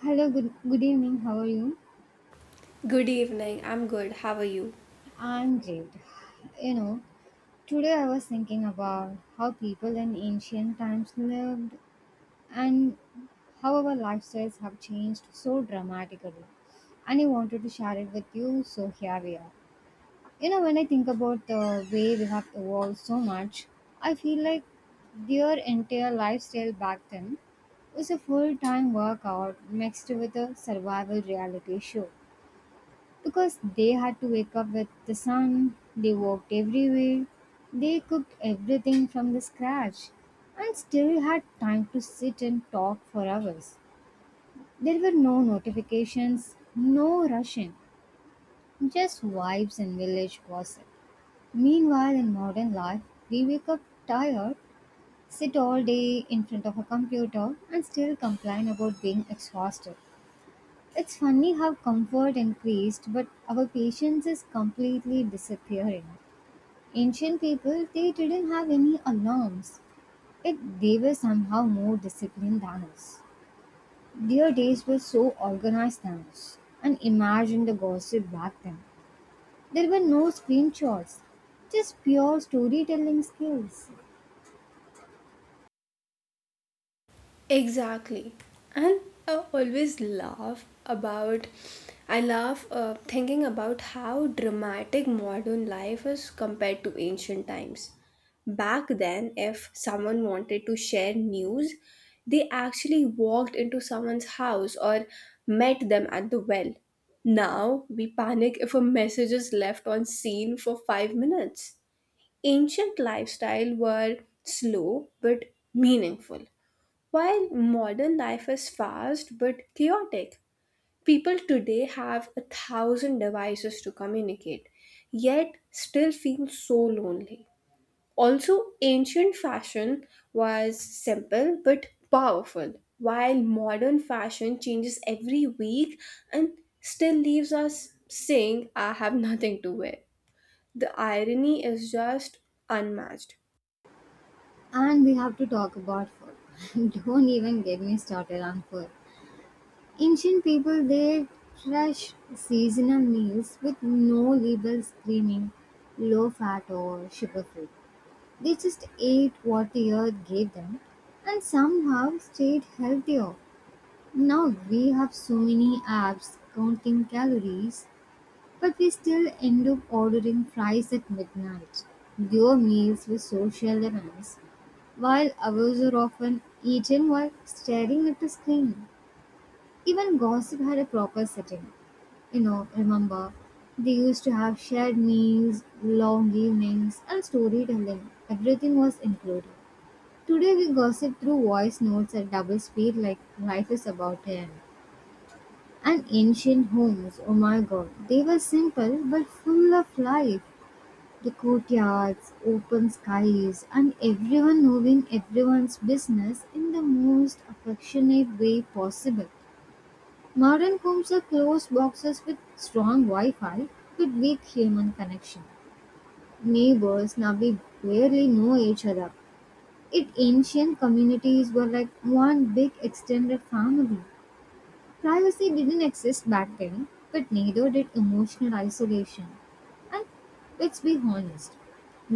Hello, good evening. How are you? Good evening, I'm good. How are you? I'm great. You know, today I was thinking about how people in ancient times lived and how our lifestyles have changed so dramatically. And I wanted to share it with you, so here we are. You know, when I think about the way we have evolved so much, I feel like their entire lifestyle back then was a full time workout mixed with a survival reality show. Because they had to wake up with the sun, they walked everywhere, they cooked everything from the scratch, and still had time to sit and talk for hours. There were no notifications, no rushing, just vibes and village gossip. Meanwhile, in modern life, we wake up tired, sit all day in front of a computer, and still complain about being exhausted. It's funny how comfort increased, but our patience is completely disappearing. Ancient people, they didn't have any alarms. They were somehow more disciplined than us. Their days were so organized than us. And imagine the gossip back then. There were no screenshots, just pure storytelling skills. Exactly. And I always laugh about, I laugh thinking about how dramatic modern life is compared to ancient times. Back then, if someone wanted to share news, they actually walked into someone's house or met them at the well. Now, we panic if a message is left on scene for 5 minutes. Ancient lifestyle were slow but meaningful, while modern life is fast but chaotic. People today have a thousand devices to communicate, yet still feel so lonely. Also, ancient fashion was simple but powerful, while modern fashion changes every week and still leaves us saying, I have nothing to wear. The irony is just unmatched. And we have to talk about food. Don't even get me started on food. Ancient people they thresh seasonal meals with no label screaming low fat or sugar free. They just ate what the earth gave them and somehow stayed healthier. Now we have so many apps counting calories, but we still end up ordering fries at midnight. Your meals were social events, while ours are often eaten while staring at the screen. Even gossip had a proper setting. You know, remember, they used to have shared meals, long evenings, and storytelling. Everything was included. Today we gossip through voice notes at double speed like life is about to end. And ancient homes, oh my god, they were simple but full of life. The courtyards, open skies, and everyone knowing everyone's business in the most affectionate way possible. Modern homes are closed boxes with strong Wi-Fi but weak human connection. Neighbors now we barely know each other. It Ancient communities were like one big extended family. Privacy didn't exist back then, but neither did emotional isolation. And let's be honest,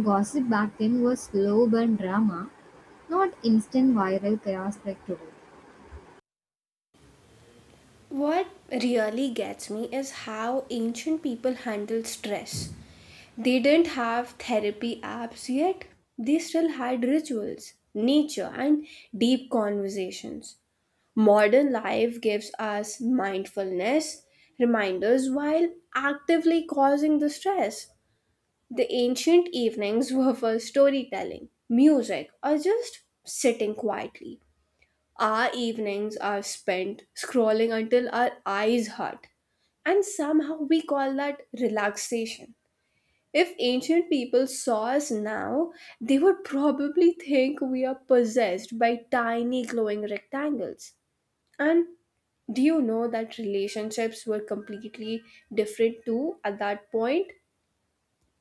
gossip back then was slow burn drama, not instant viral chaos like today. What really gets me is how ancient people handled stress. They didn't have therapy apps yet, they still had rituals, nature, and deep conversations. Modern life gives us mindfulness reminders while actively causing the stress. The ancient evenings were for storytelling, music, or just sitting quietly. Our evenings are spent scrolling until our eyes hurt, and somehow we call that relaxation. If ancient people saw us now, they would probably think we are possessed by tiny glowing rectangles. And do you know that relationships were completely different too at that point?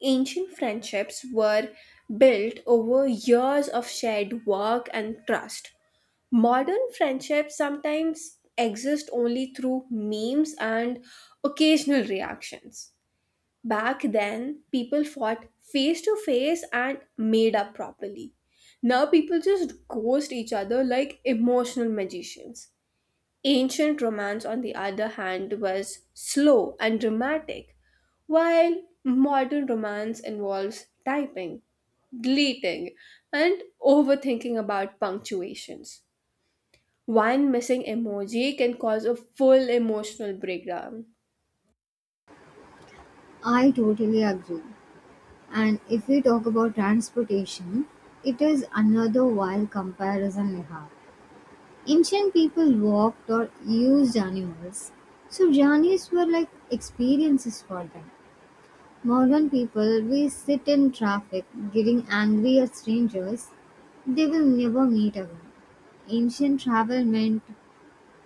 Ancient friendships were built over years of shared work and trust. Modern friendships sometimes exist only through memes and occasional reactions. Back then, people fought face to face and made up properly. Now people just ghost each other like emotional magicians. Ancient romance, on the other hand, was slow and dramatic, while modern romance involves typing, deleting, and overthinking about punctuations. One missing emoji can cause a full emotional breakdown. I totally agree. And if we talk about transportation, it is another wild comparison we have. Ancient people walked or used animals, so journeys were like experiences for them. Modern people, we sit in traffic getting angry at strangers they will never meet again. Ancient travel meant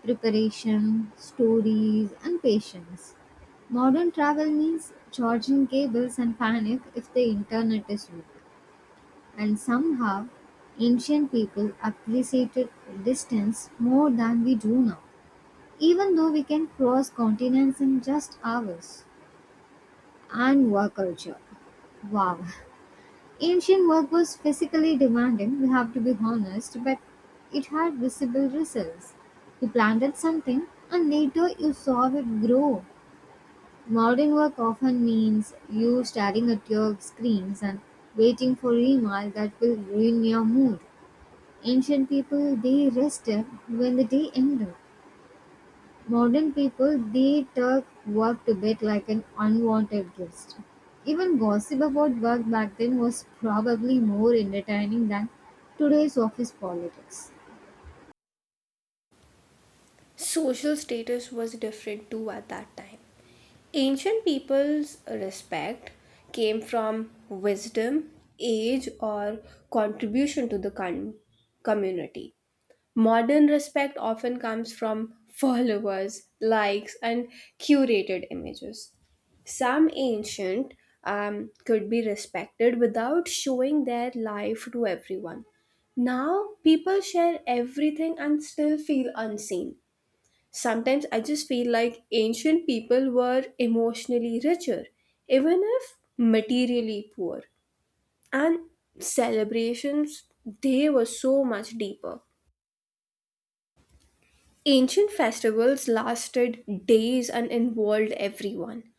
preparation, stories, and patience. Modern travel means charging cables and panic if the internet is weak. And somehow, ancient people appreciated distance more than we do now, even though we can cross continents in just hours. And work culture. Wow. Ancient work was physically demanding, we have to be honest, but it had visible results. You planted something and later you saw it grow. Modern work often means you staring at your screens and waiting for email that will ruin your mood. Ancient people they rested when the day ended. Modern people they took work to bed like an unwanted guest. Even gossip about work back then was probably more entertaining than today's office politics. Social status was different too at that time. Ancient people's respect came from wisdom, age, or contribution to the community. Modern respect often comes from followers, likes, and curated images. Some ancient could be respected without showing their life to everyone. Now, people share everything and still feel unseen. Sometimes I just feel like ancient people were emotionally richer, even if materially poor. And celebrations, they were so much deeper. Ancient festivals lasted days and involved everyone.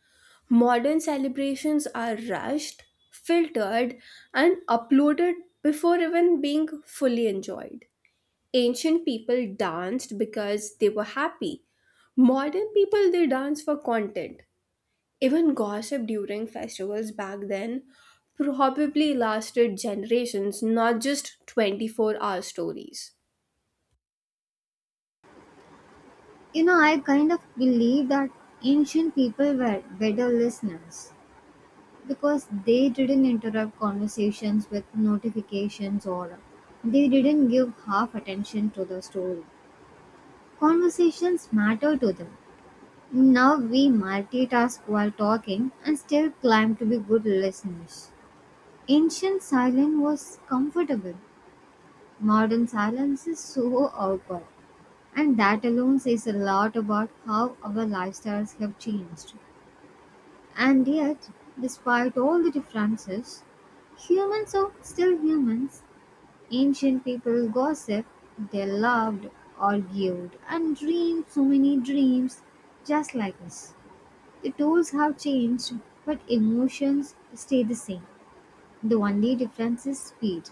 Modern celebrations are rushed, filtered, and uploaded before even being fully enjoyed. Ancient people danced because they were happy. Modern people they dance for content. Even gossip during festivals back then probably lasted generations, not just 24-hour stories. You know, I kind of believe that ancient people were better listeners because they didn't interrupt conversations with notifications or they didn't give half attention to the story. Conversations matter to them. Now we multitask while talking and still claim to be good listeners. Ancient silence was comfortable. Modern silence is so awkward. And that alone says a lot about how our lifestyles have changed. And yet, despite all the differences, humans are still humans. Ancient people gossiped, they loved, argued, and dreamed so many dreams just like us. The tools have changed, but emotions stay the same. The only difference is speed.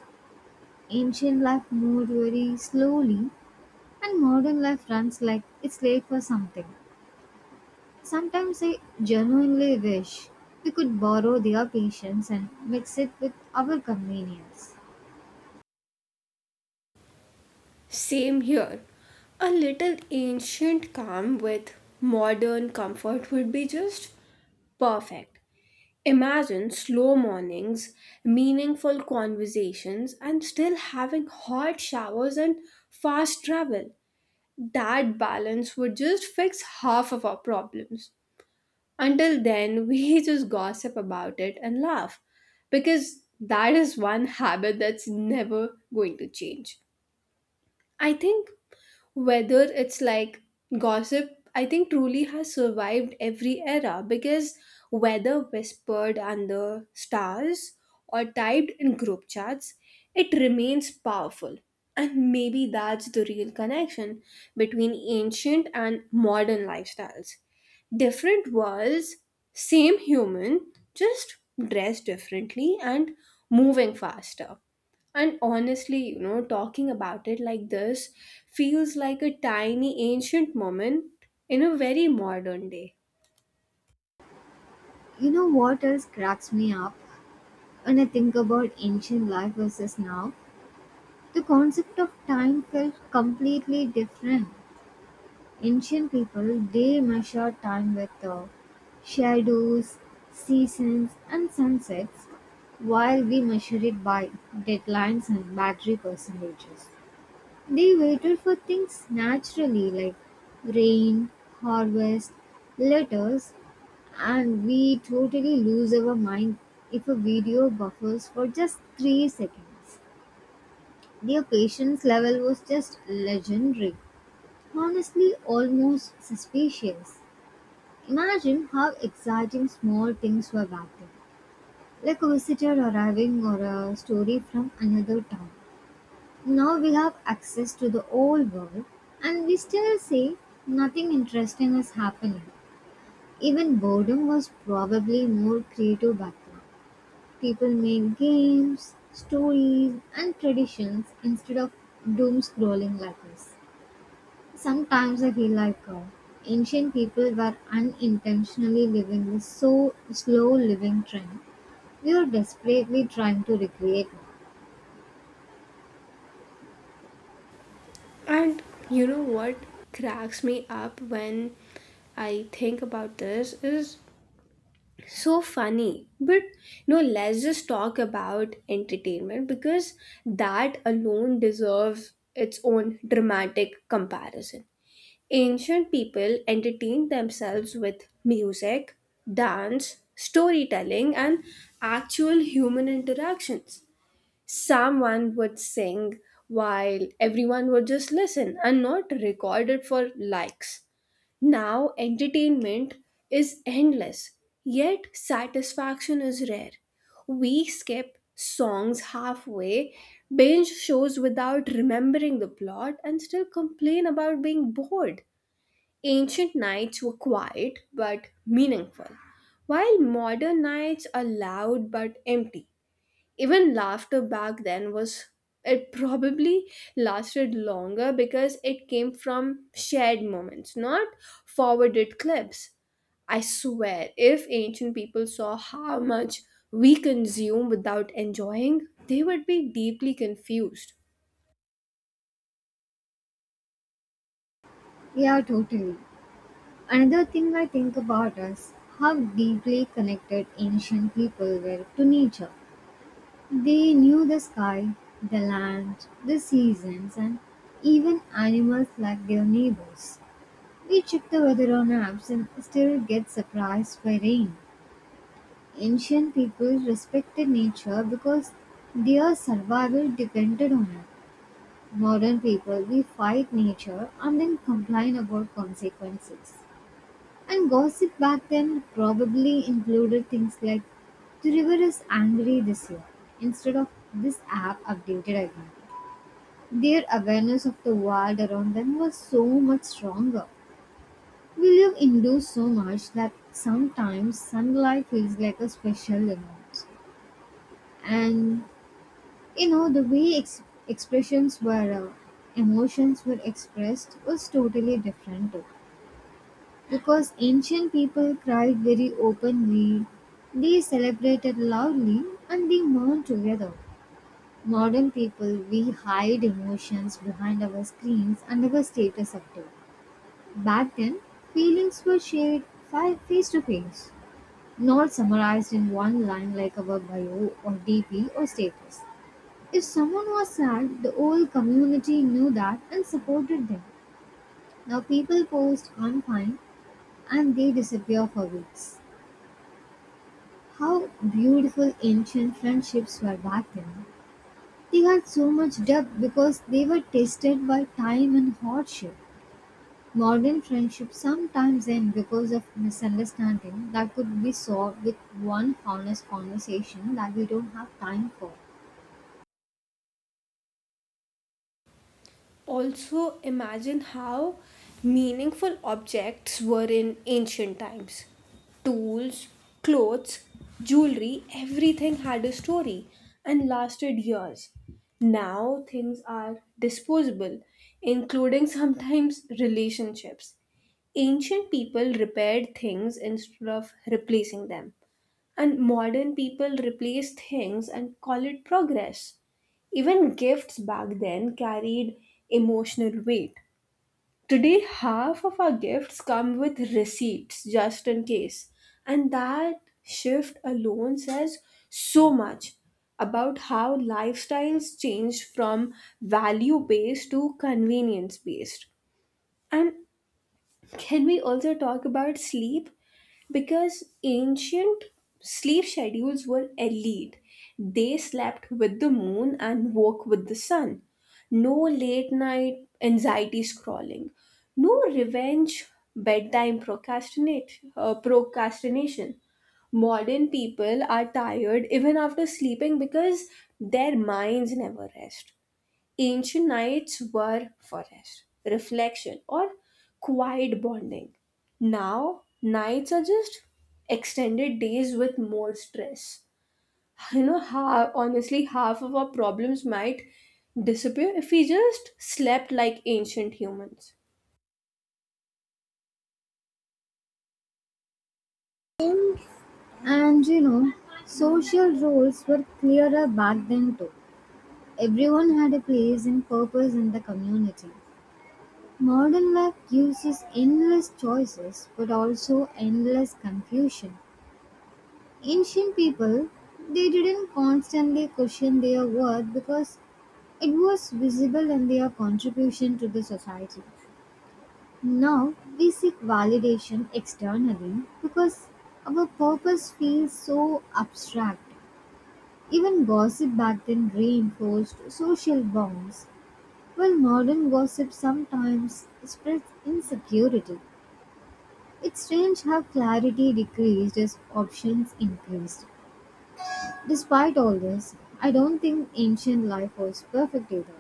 Ancient life moved very slowly, and modern life runs like it's late for something. Sometimes I genuinely wish we could borrow their patience and mix it with our convenience. Same here. A little ancient calm with modern comfort would be just perfect. Imagine slow mornings, meaningful conversations, and still having hot showers and fast travel. That balance would just fix half of our problems. Until then, we just gossip about it and laugh because that is one habit that's never going to change. I think whether it's like gossip, I think truly has survived every era because whether whispered under stars or typed in group chats, it remains powerful. And maybe that's the real connection between ancient and modern lifestyles. Different worlds, same human, just dressed differently and moving faster. And honestly, talking about it like this feels like a tiny ancient moment in a very modern day. You know what else cracks me up when I think about ancient life versus now? The concept of time felt completely different. Ancient people they measure time with shadows, seasons and sunsets, while we measure it by deadlines and battery percentages. They waited for things naturally like rain, harvest, letters, and we totally lose our mind if a video buffers for just 3 seconds. Their patience level was just legendary, honestly almost suspicious. Imagine how exciting small things were back then, like a visitor arriving or a story from another town. Now we have access to the whole world and we still say nothing interesting is happening. Even boredom was probably more creative back then. People made games, stories, and traditions instead of doom scrolling like this. Sometimes I feel like cow, ancient people were unintentionally living this so slow living trend. We are desperately trying to recreate it. And you know what cracks me up when I think about this is so funny. But you know, let's just talk about entertainment because that alone deserves its own dramatic comparison. Ancient people entertained themselves with music, dance, storytelling, and actual human interactions. Someone would sing while everyone would just listen and not record it for likes. Now, entertainment is endless, yet satisfaction is rare. We skip songs halfway, binge shows without remembering the plot, and still complain about being bored. Ancient nights were quiet but meaningful, while modern nights are loud but empty. Even laughter back then was, it probably lasted longer because it came from shared moments, not forwarded clips. I swear, if ancient people saw how much we consume without enjoying, they would be deeply confused. Yeah, totally. Another thing I think about is how deeply connected ancient people were to nature. They knew the sky, the land, the seasons, and even animals like their neighbors. We check the weather on apps and still get surprised by rain. Ancient people respected nature because their survival depended on it. Modern people, we fight nature and then complain about consequences. And gossip back then probably included things like the river is angry this year instead of this app updated again. Their awareness of the world around them was so much stronger. We live indoors so much that sometimes sunlight feels like a special event. And you know, the way emotions were expressed was totally different too. Because ancient people cried very openly, they celebrated loudly, and they mourned together. Modern people, we hide emotions behind our screens and our status update. Back then, feelings were shared face to face, not summarized in one line like our bio or DP or status. If someone was sad, the whole community knew that and supported them. Now people post online and they disappear for weeks. How beautiful ancient friendships were back then. They had so much depth because they were tested by time and hardship. Modern friendships sometimes end because of misunderstanding that could be solved with one honest conversation that we don't have time for. Also imagine how meaningful objects were in ancient times. Tools, clothes, jewelry, everything had a story and lasted years. Now things are disposable, including sometimes relationships. Ancient people repaired things instead of replacing them. And modern people replace things and call it progress. Even gifts back then carried emotional weight. Today, half of our gifts come with receipts just in case. And that shift alone says so much about how lifestyles change from value based to convenience based. And can we also talk about sleep? Because ancient sleep schedules were elite. They slept with the moon and woke with the sun. No late night anxiety scrolling. No revenge bedtime procrastination. Modern people are tired even after sleeping because their minds never rest. Ancient nights were for forest, reflection, or quiet bonding. Now, nights are just extended days with more stress. Honestly, half of our problems might disappear if we just slept like ancient humans. And you know, social roles were clearer back then too. Everyone had a place and purpose in the community. Modern life gives us endless choices but also endless confusion. Ancient people they didn't constantly question their worth because it was visible in their contribution to the society. Now we seek validation externally because our purpose feels so abstract. Even gossip back then reinforced social bonds. While modern gossip sometimes spreads insecurity, it's strange how clarity decreased as options increased. Despite all this, I don't think ancient life was perfect either.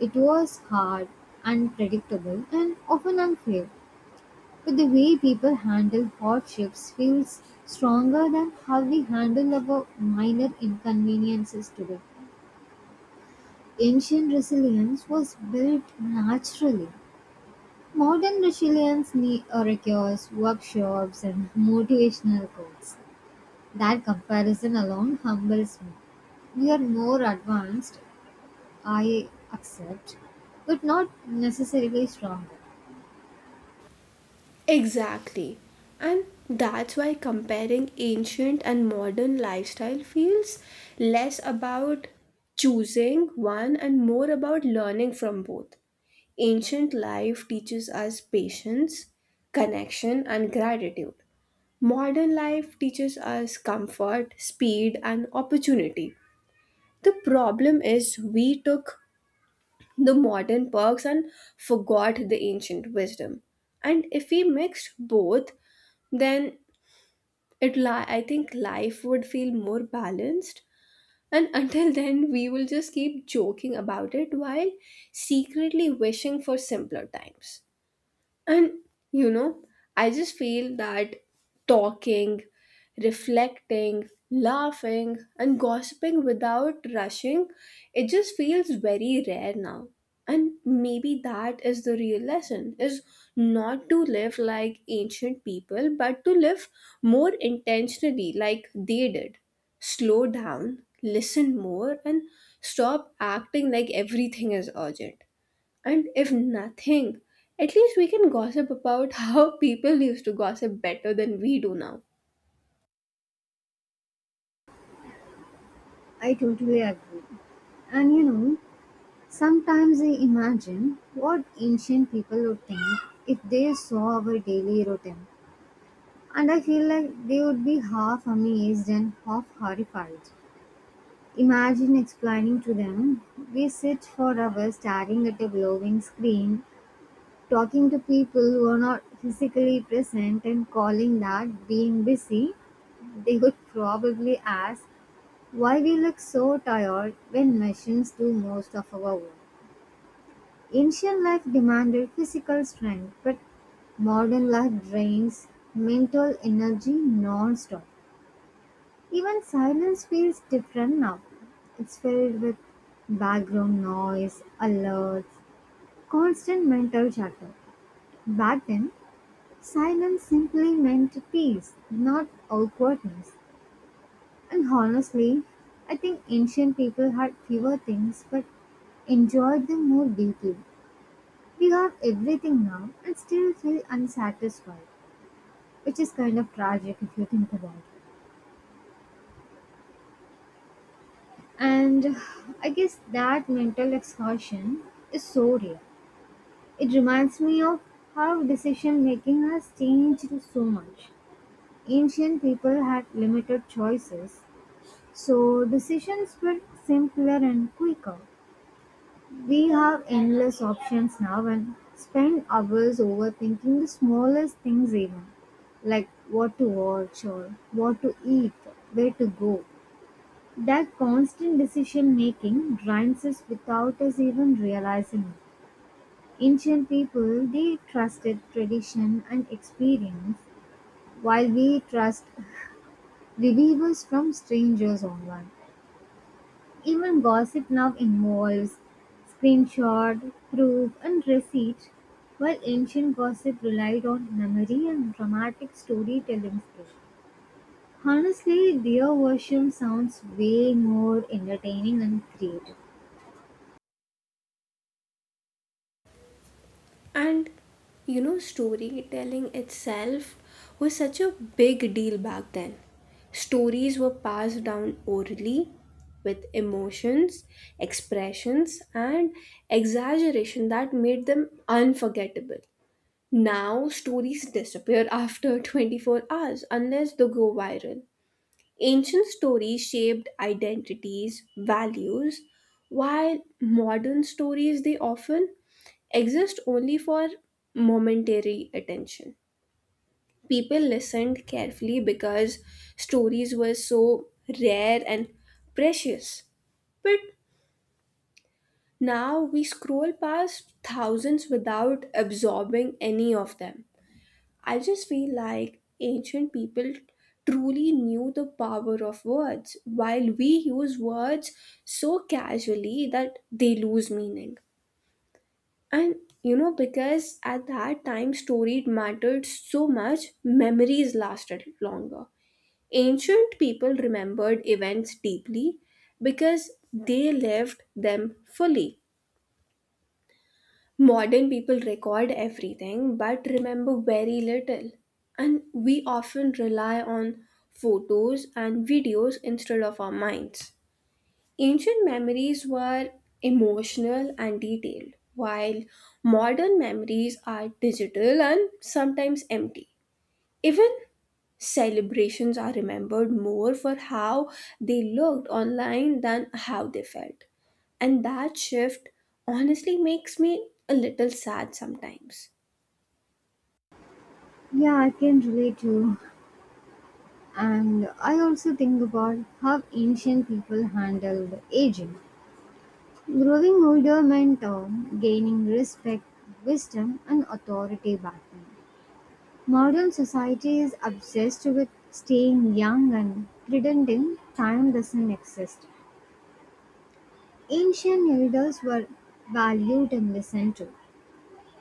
It was hard, unpredictable, and often unfair. But the way people handle hardships feels stronger than how we handle our minor inconveniences today. Ancient resilience was built naturally. Modern resilience requires workshops and motivational quotes. That comparison alone humbles me. We are more advanced, I accept, but not necessarily stronger. Exactly. And that's why comparing ancient and modern lifestyle feels less about choosing one and more about learning from both. Ancient life teaches us patience, connection, and gratitude. Modern life teaches us comfort, speed, and opportunity. The problem is we took the modern perks and forgot the ancient wisdom. And if we mixed both, then I think life would feel more balanced, and until then we will just keep joking about it while secretly wishing for simpler times. And you know, I just feel that talking, reflecting, laughing, and gossiping without rushing, it just feels very rare now. And maybe that is the real lesson, is not to live like ancient people, but to live more intentionally like they did. Slow down, listen more, and stop acting like everything is urgent. And if nothing, at least we can gossip about how people used to gossip better than we do now. I totally agree. And you know, sometimes I imagine what ancient people would think if they saw our daily routine. And I feel like they would be half amazed and half horrified. Imagine explaining to them, we sit for hours staring at a glowing screen, talking to people who are not physically present and calling that being busy. They would probably ask why we look so tired when machines do most of our work. Ancient life demanded physical strength, but modern life drains mental energy non stop. Even silence feels different now. It's filled with background noise, alerts, constant mental chatter. Back then, silence simply meant peace, not awkwardness. And honestly, I think ancient people had fewer things but enjoyed them more deeply. We have everything now and still feel unsatisfied, which is kind of tragic if you think about it. And I guess that mental exhaustion is so real. It reminds me of how decision making has changed so much. Ancient people had limited choices, so decisions were simpler and quicker. We have endless options now and spend hours overthinking the smallest things, even like what to watch or what to eat, where to go. That constant decision-making drains us without us even realizing it. Ancient people, they trusted tradition and experience, while we trust reviews from strangers online. Even gossip now involves screenshot, proof, and receipt, while ancient gossip relied on memory and dramatic storytelling skills. Honestly, their version sounds way more entertaining and creative. And storytelling itself was such a big deal back then. Stories were passed down orally with emotions, expressions, and exaggeration that made them unforgettable. Now, stories disappear after 24 hours unless they go viral. Ancient stories shaped identities, values, while modern stories they often exist only for momentary attention. People listened carefully because stories were so rare and precious. But now we scroll past thousands without absorbing any of them. I just feel like ancient people truly knew the power of words, while we use words so casually that they lose meaning. And because at that time story mattered so much, memories lasted longer. Ancient people remembered events deeply because they lived them fully. Modern people record everything but remember very little. And we often rely on photos and videos instead of our minds. Ancient memories were emotional and detailed, while modern memories are digital and sometimes empty. Even celebrations are remembered more for how they looked online than how they felt. And that shift honestly makes me a little sad sometimes. Yeah, I can relate to. And I also think about how ancient people handled aging. Growing older meant gaining respect, wisdom, and authority back then. Modern society is obsessed with staying young and pretending time doesn't exist. Ancient elders were valued and listened to.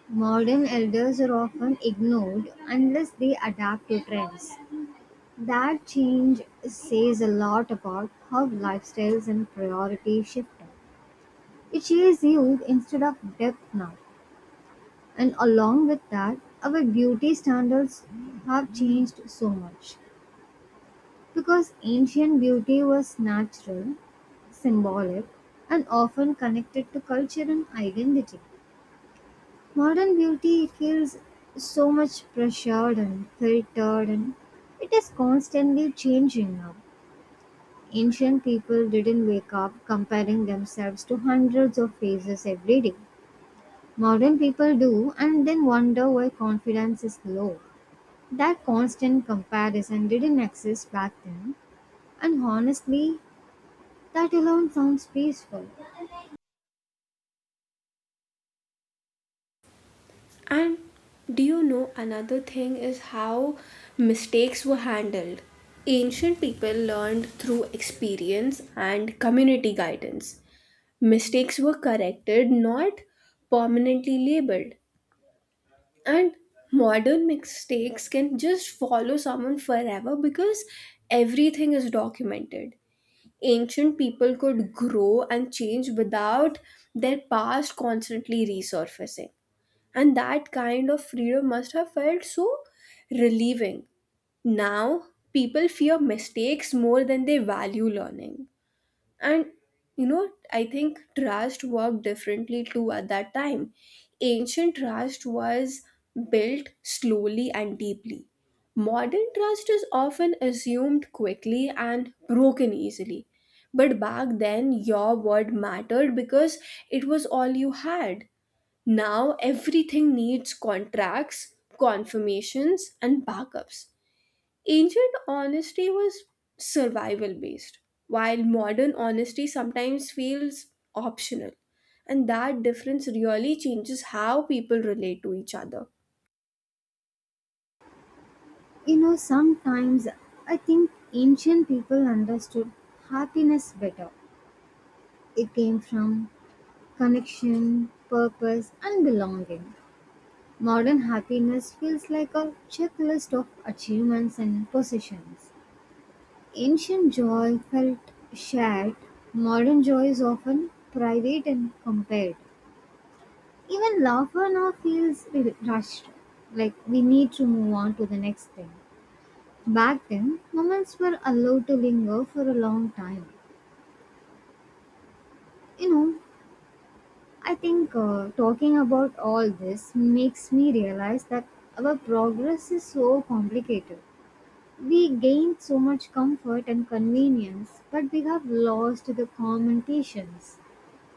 Modern elders are often ignored unless they adapt to trends. That change says a lot about how lifestyles and priorities shifted. It shares youth instead of depth now, and along with that, our beauty standards have changed so much. Because ancient beauty was natural, symbolic, and often connected to culture and identity. Modern beauty feels so much pressured and filtered, and it is constantly changing now. Ancient people didn't wake up comparing themselves to hundreds of phases every day. Modern people do and then wonder why confidence is low. That constant comparison didn't exist back then, and honestly, that alone sounds peaceful. And do you know another thing is how mistakes were handled? Ancient people learned through experience and community guidance. Mistakes were corrected, not permanently labeled. And modern mistakes can just follow someone forever because everything is documented. Ancient people could grow and change without their past constantly resurfacing, and that kind of freedom must have felt so relieving. Now people fear mistakes more than they value learning. And I think trust worked differently too at that time. Ancient trust was built slowly and deeply. Modern trust is often assumed quickly and broken easily. But back then, your word mattered because it was all you had. Now, everything needs contracts, confirmations, and backups. Ancient honesty was survival based, while modern honesty sometimes feels optional. And that difference really changes how people relate to each other. You know, sometimes I think ancient people understood happiness better. It came from connection, purpose, and belonging. Modern happiness feels like a checklist of achievements and possessions. Ancient joy felt shared, modern joy is often private and compared. Even laughter now feels rushed, like we need to move on to the next thing. Back then, moments were allowed to linger for a long time. You know, I think talking about all this makes me realize that our progress is so complicated. We gained so much comfort and convenience, but we have lost the communications.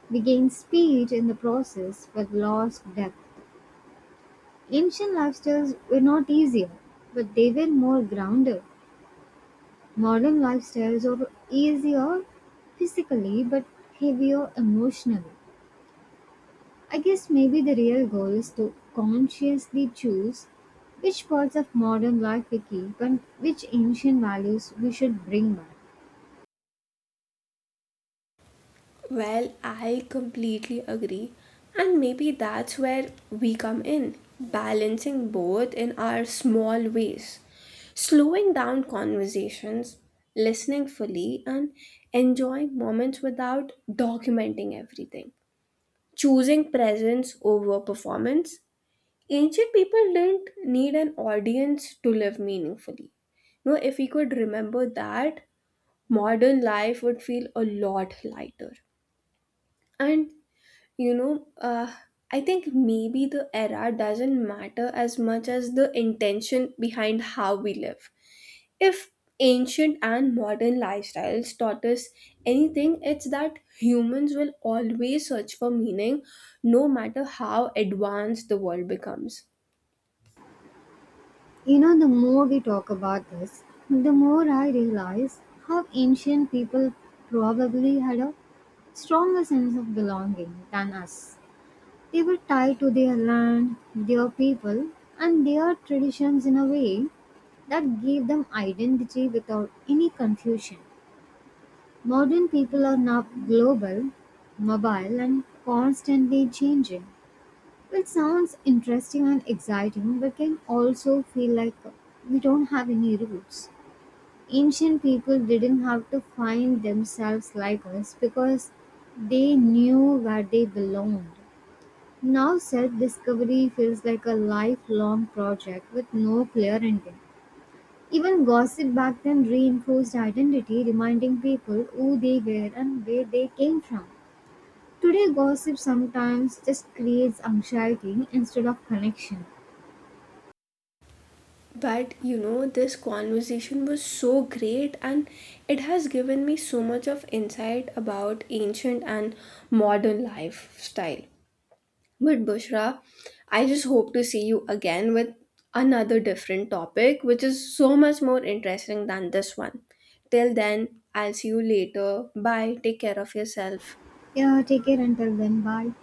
We gained speed in the process, but lost depth. Ancient lifestyles were not easier, but they were more grounded. Modern lifestyles are easier physically, but heavier emotionally. I guess maybe the real goal is to consciously choose which parts of modern life we keep and which ancient values we should bring back. Well, I completely agree. And maybe that's where we come in, balancing both in our small ways. Slowing down conversations, listening fully, and enjoying moments without documenting everything. Choosing presence over performance. Ancient people didn't need an audience to live meaningfully. You know, if we could remember that, modern life would feel a lot lighter. And you know, uh, I think maybe the era doesn't matter as much as the intention behind how we live. If ancient and modern lifestyles taught us anything, it's that humans will always search for meaning no matter how advanced the world becomes. You know, the more we talk about this, the more I realize how ancient people probably had a stronger sense of belonging than us. They were tied to their land, their people, and their traditions in a way that gave them identity without any confusion. Modern people are now global, mobile, and constantly changing. It sounds interesting and exciting, but can also feel like we don't have any roots. Ancient people didn't have to find themselves like us because they knew where they belonged. Now, self discovery feels like a lifelong project with no clear ending. Even gossip back then reinforced identity, reminding people who they were and where they came from. Today, gossip sometimes just creates anxiety instead of connection. But you know, this conversation was so great and it has given me so much of insight about ancient and modern lifestyle. But Bushra, I just hope to see you again with another different topic, which is so much more interesting than this one. Till then, I'll see you later. Bye. Take care of yourself. Yeah, take care until then. Bye.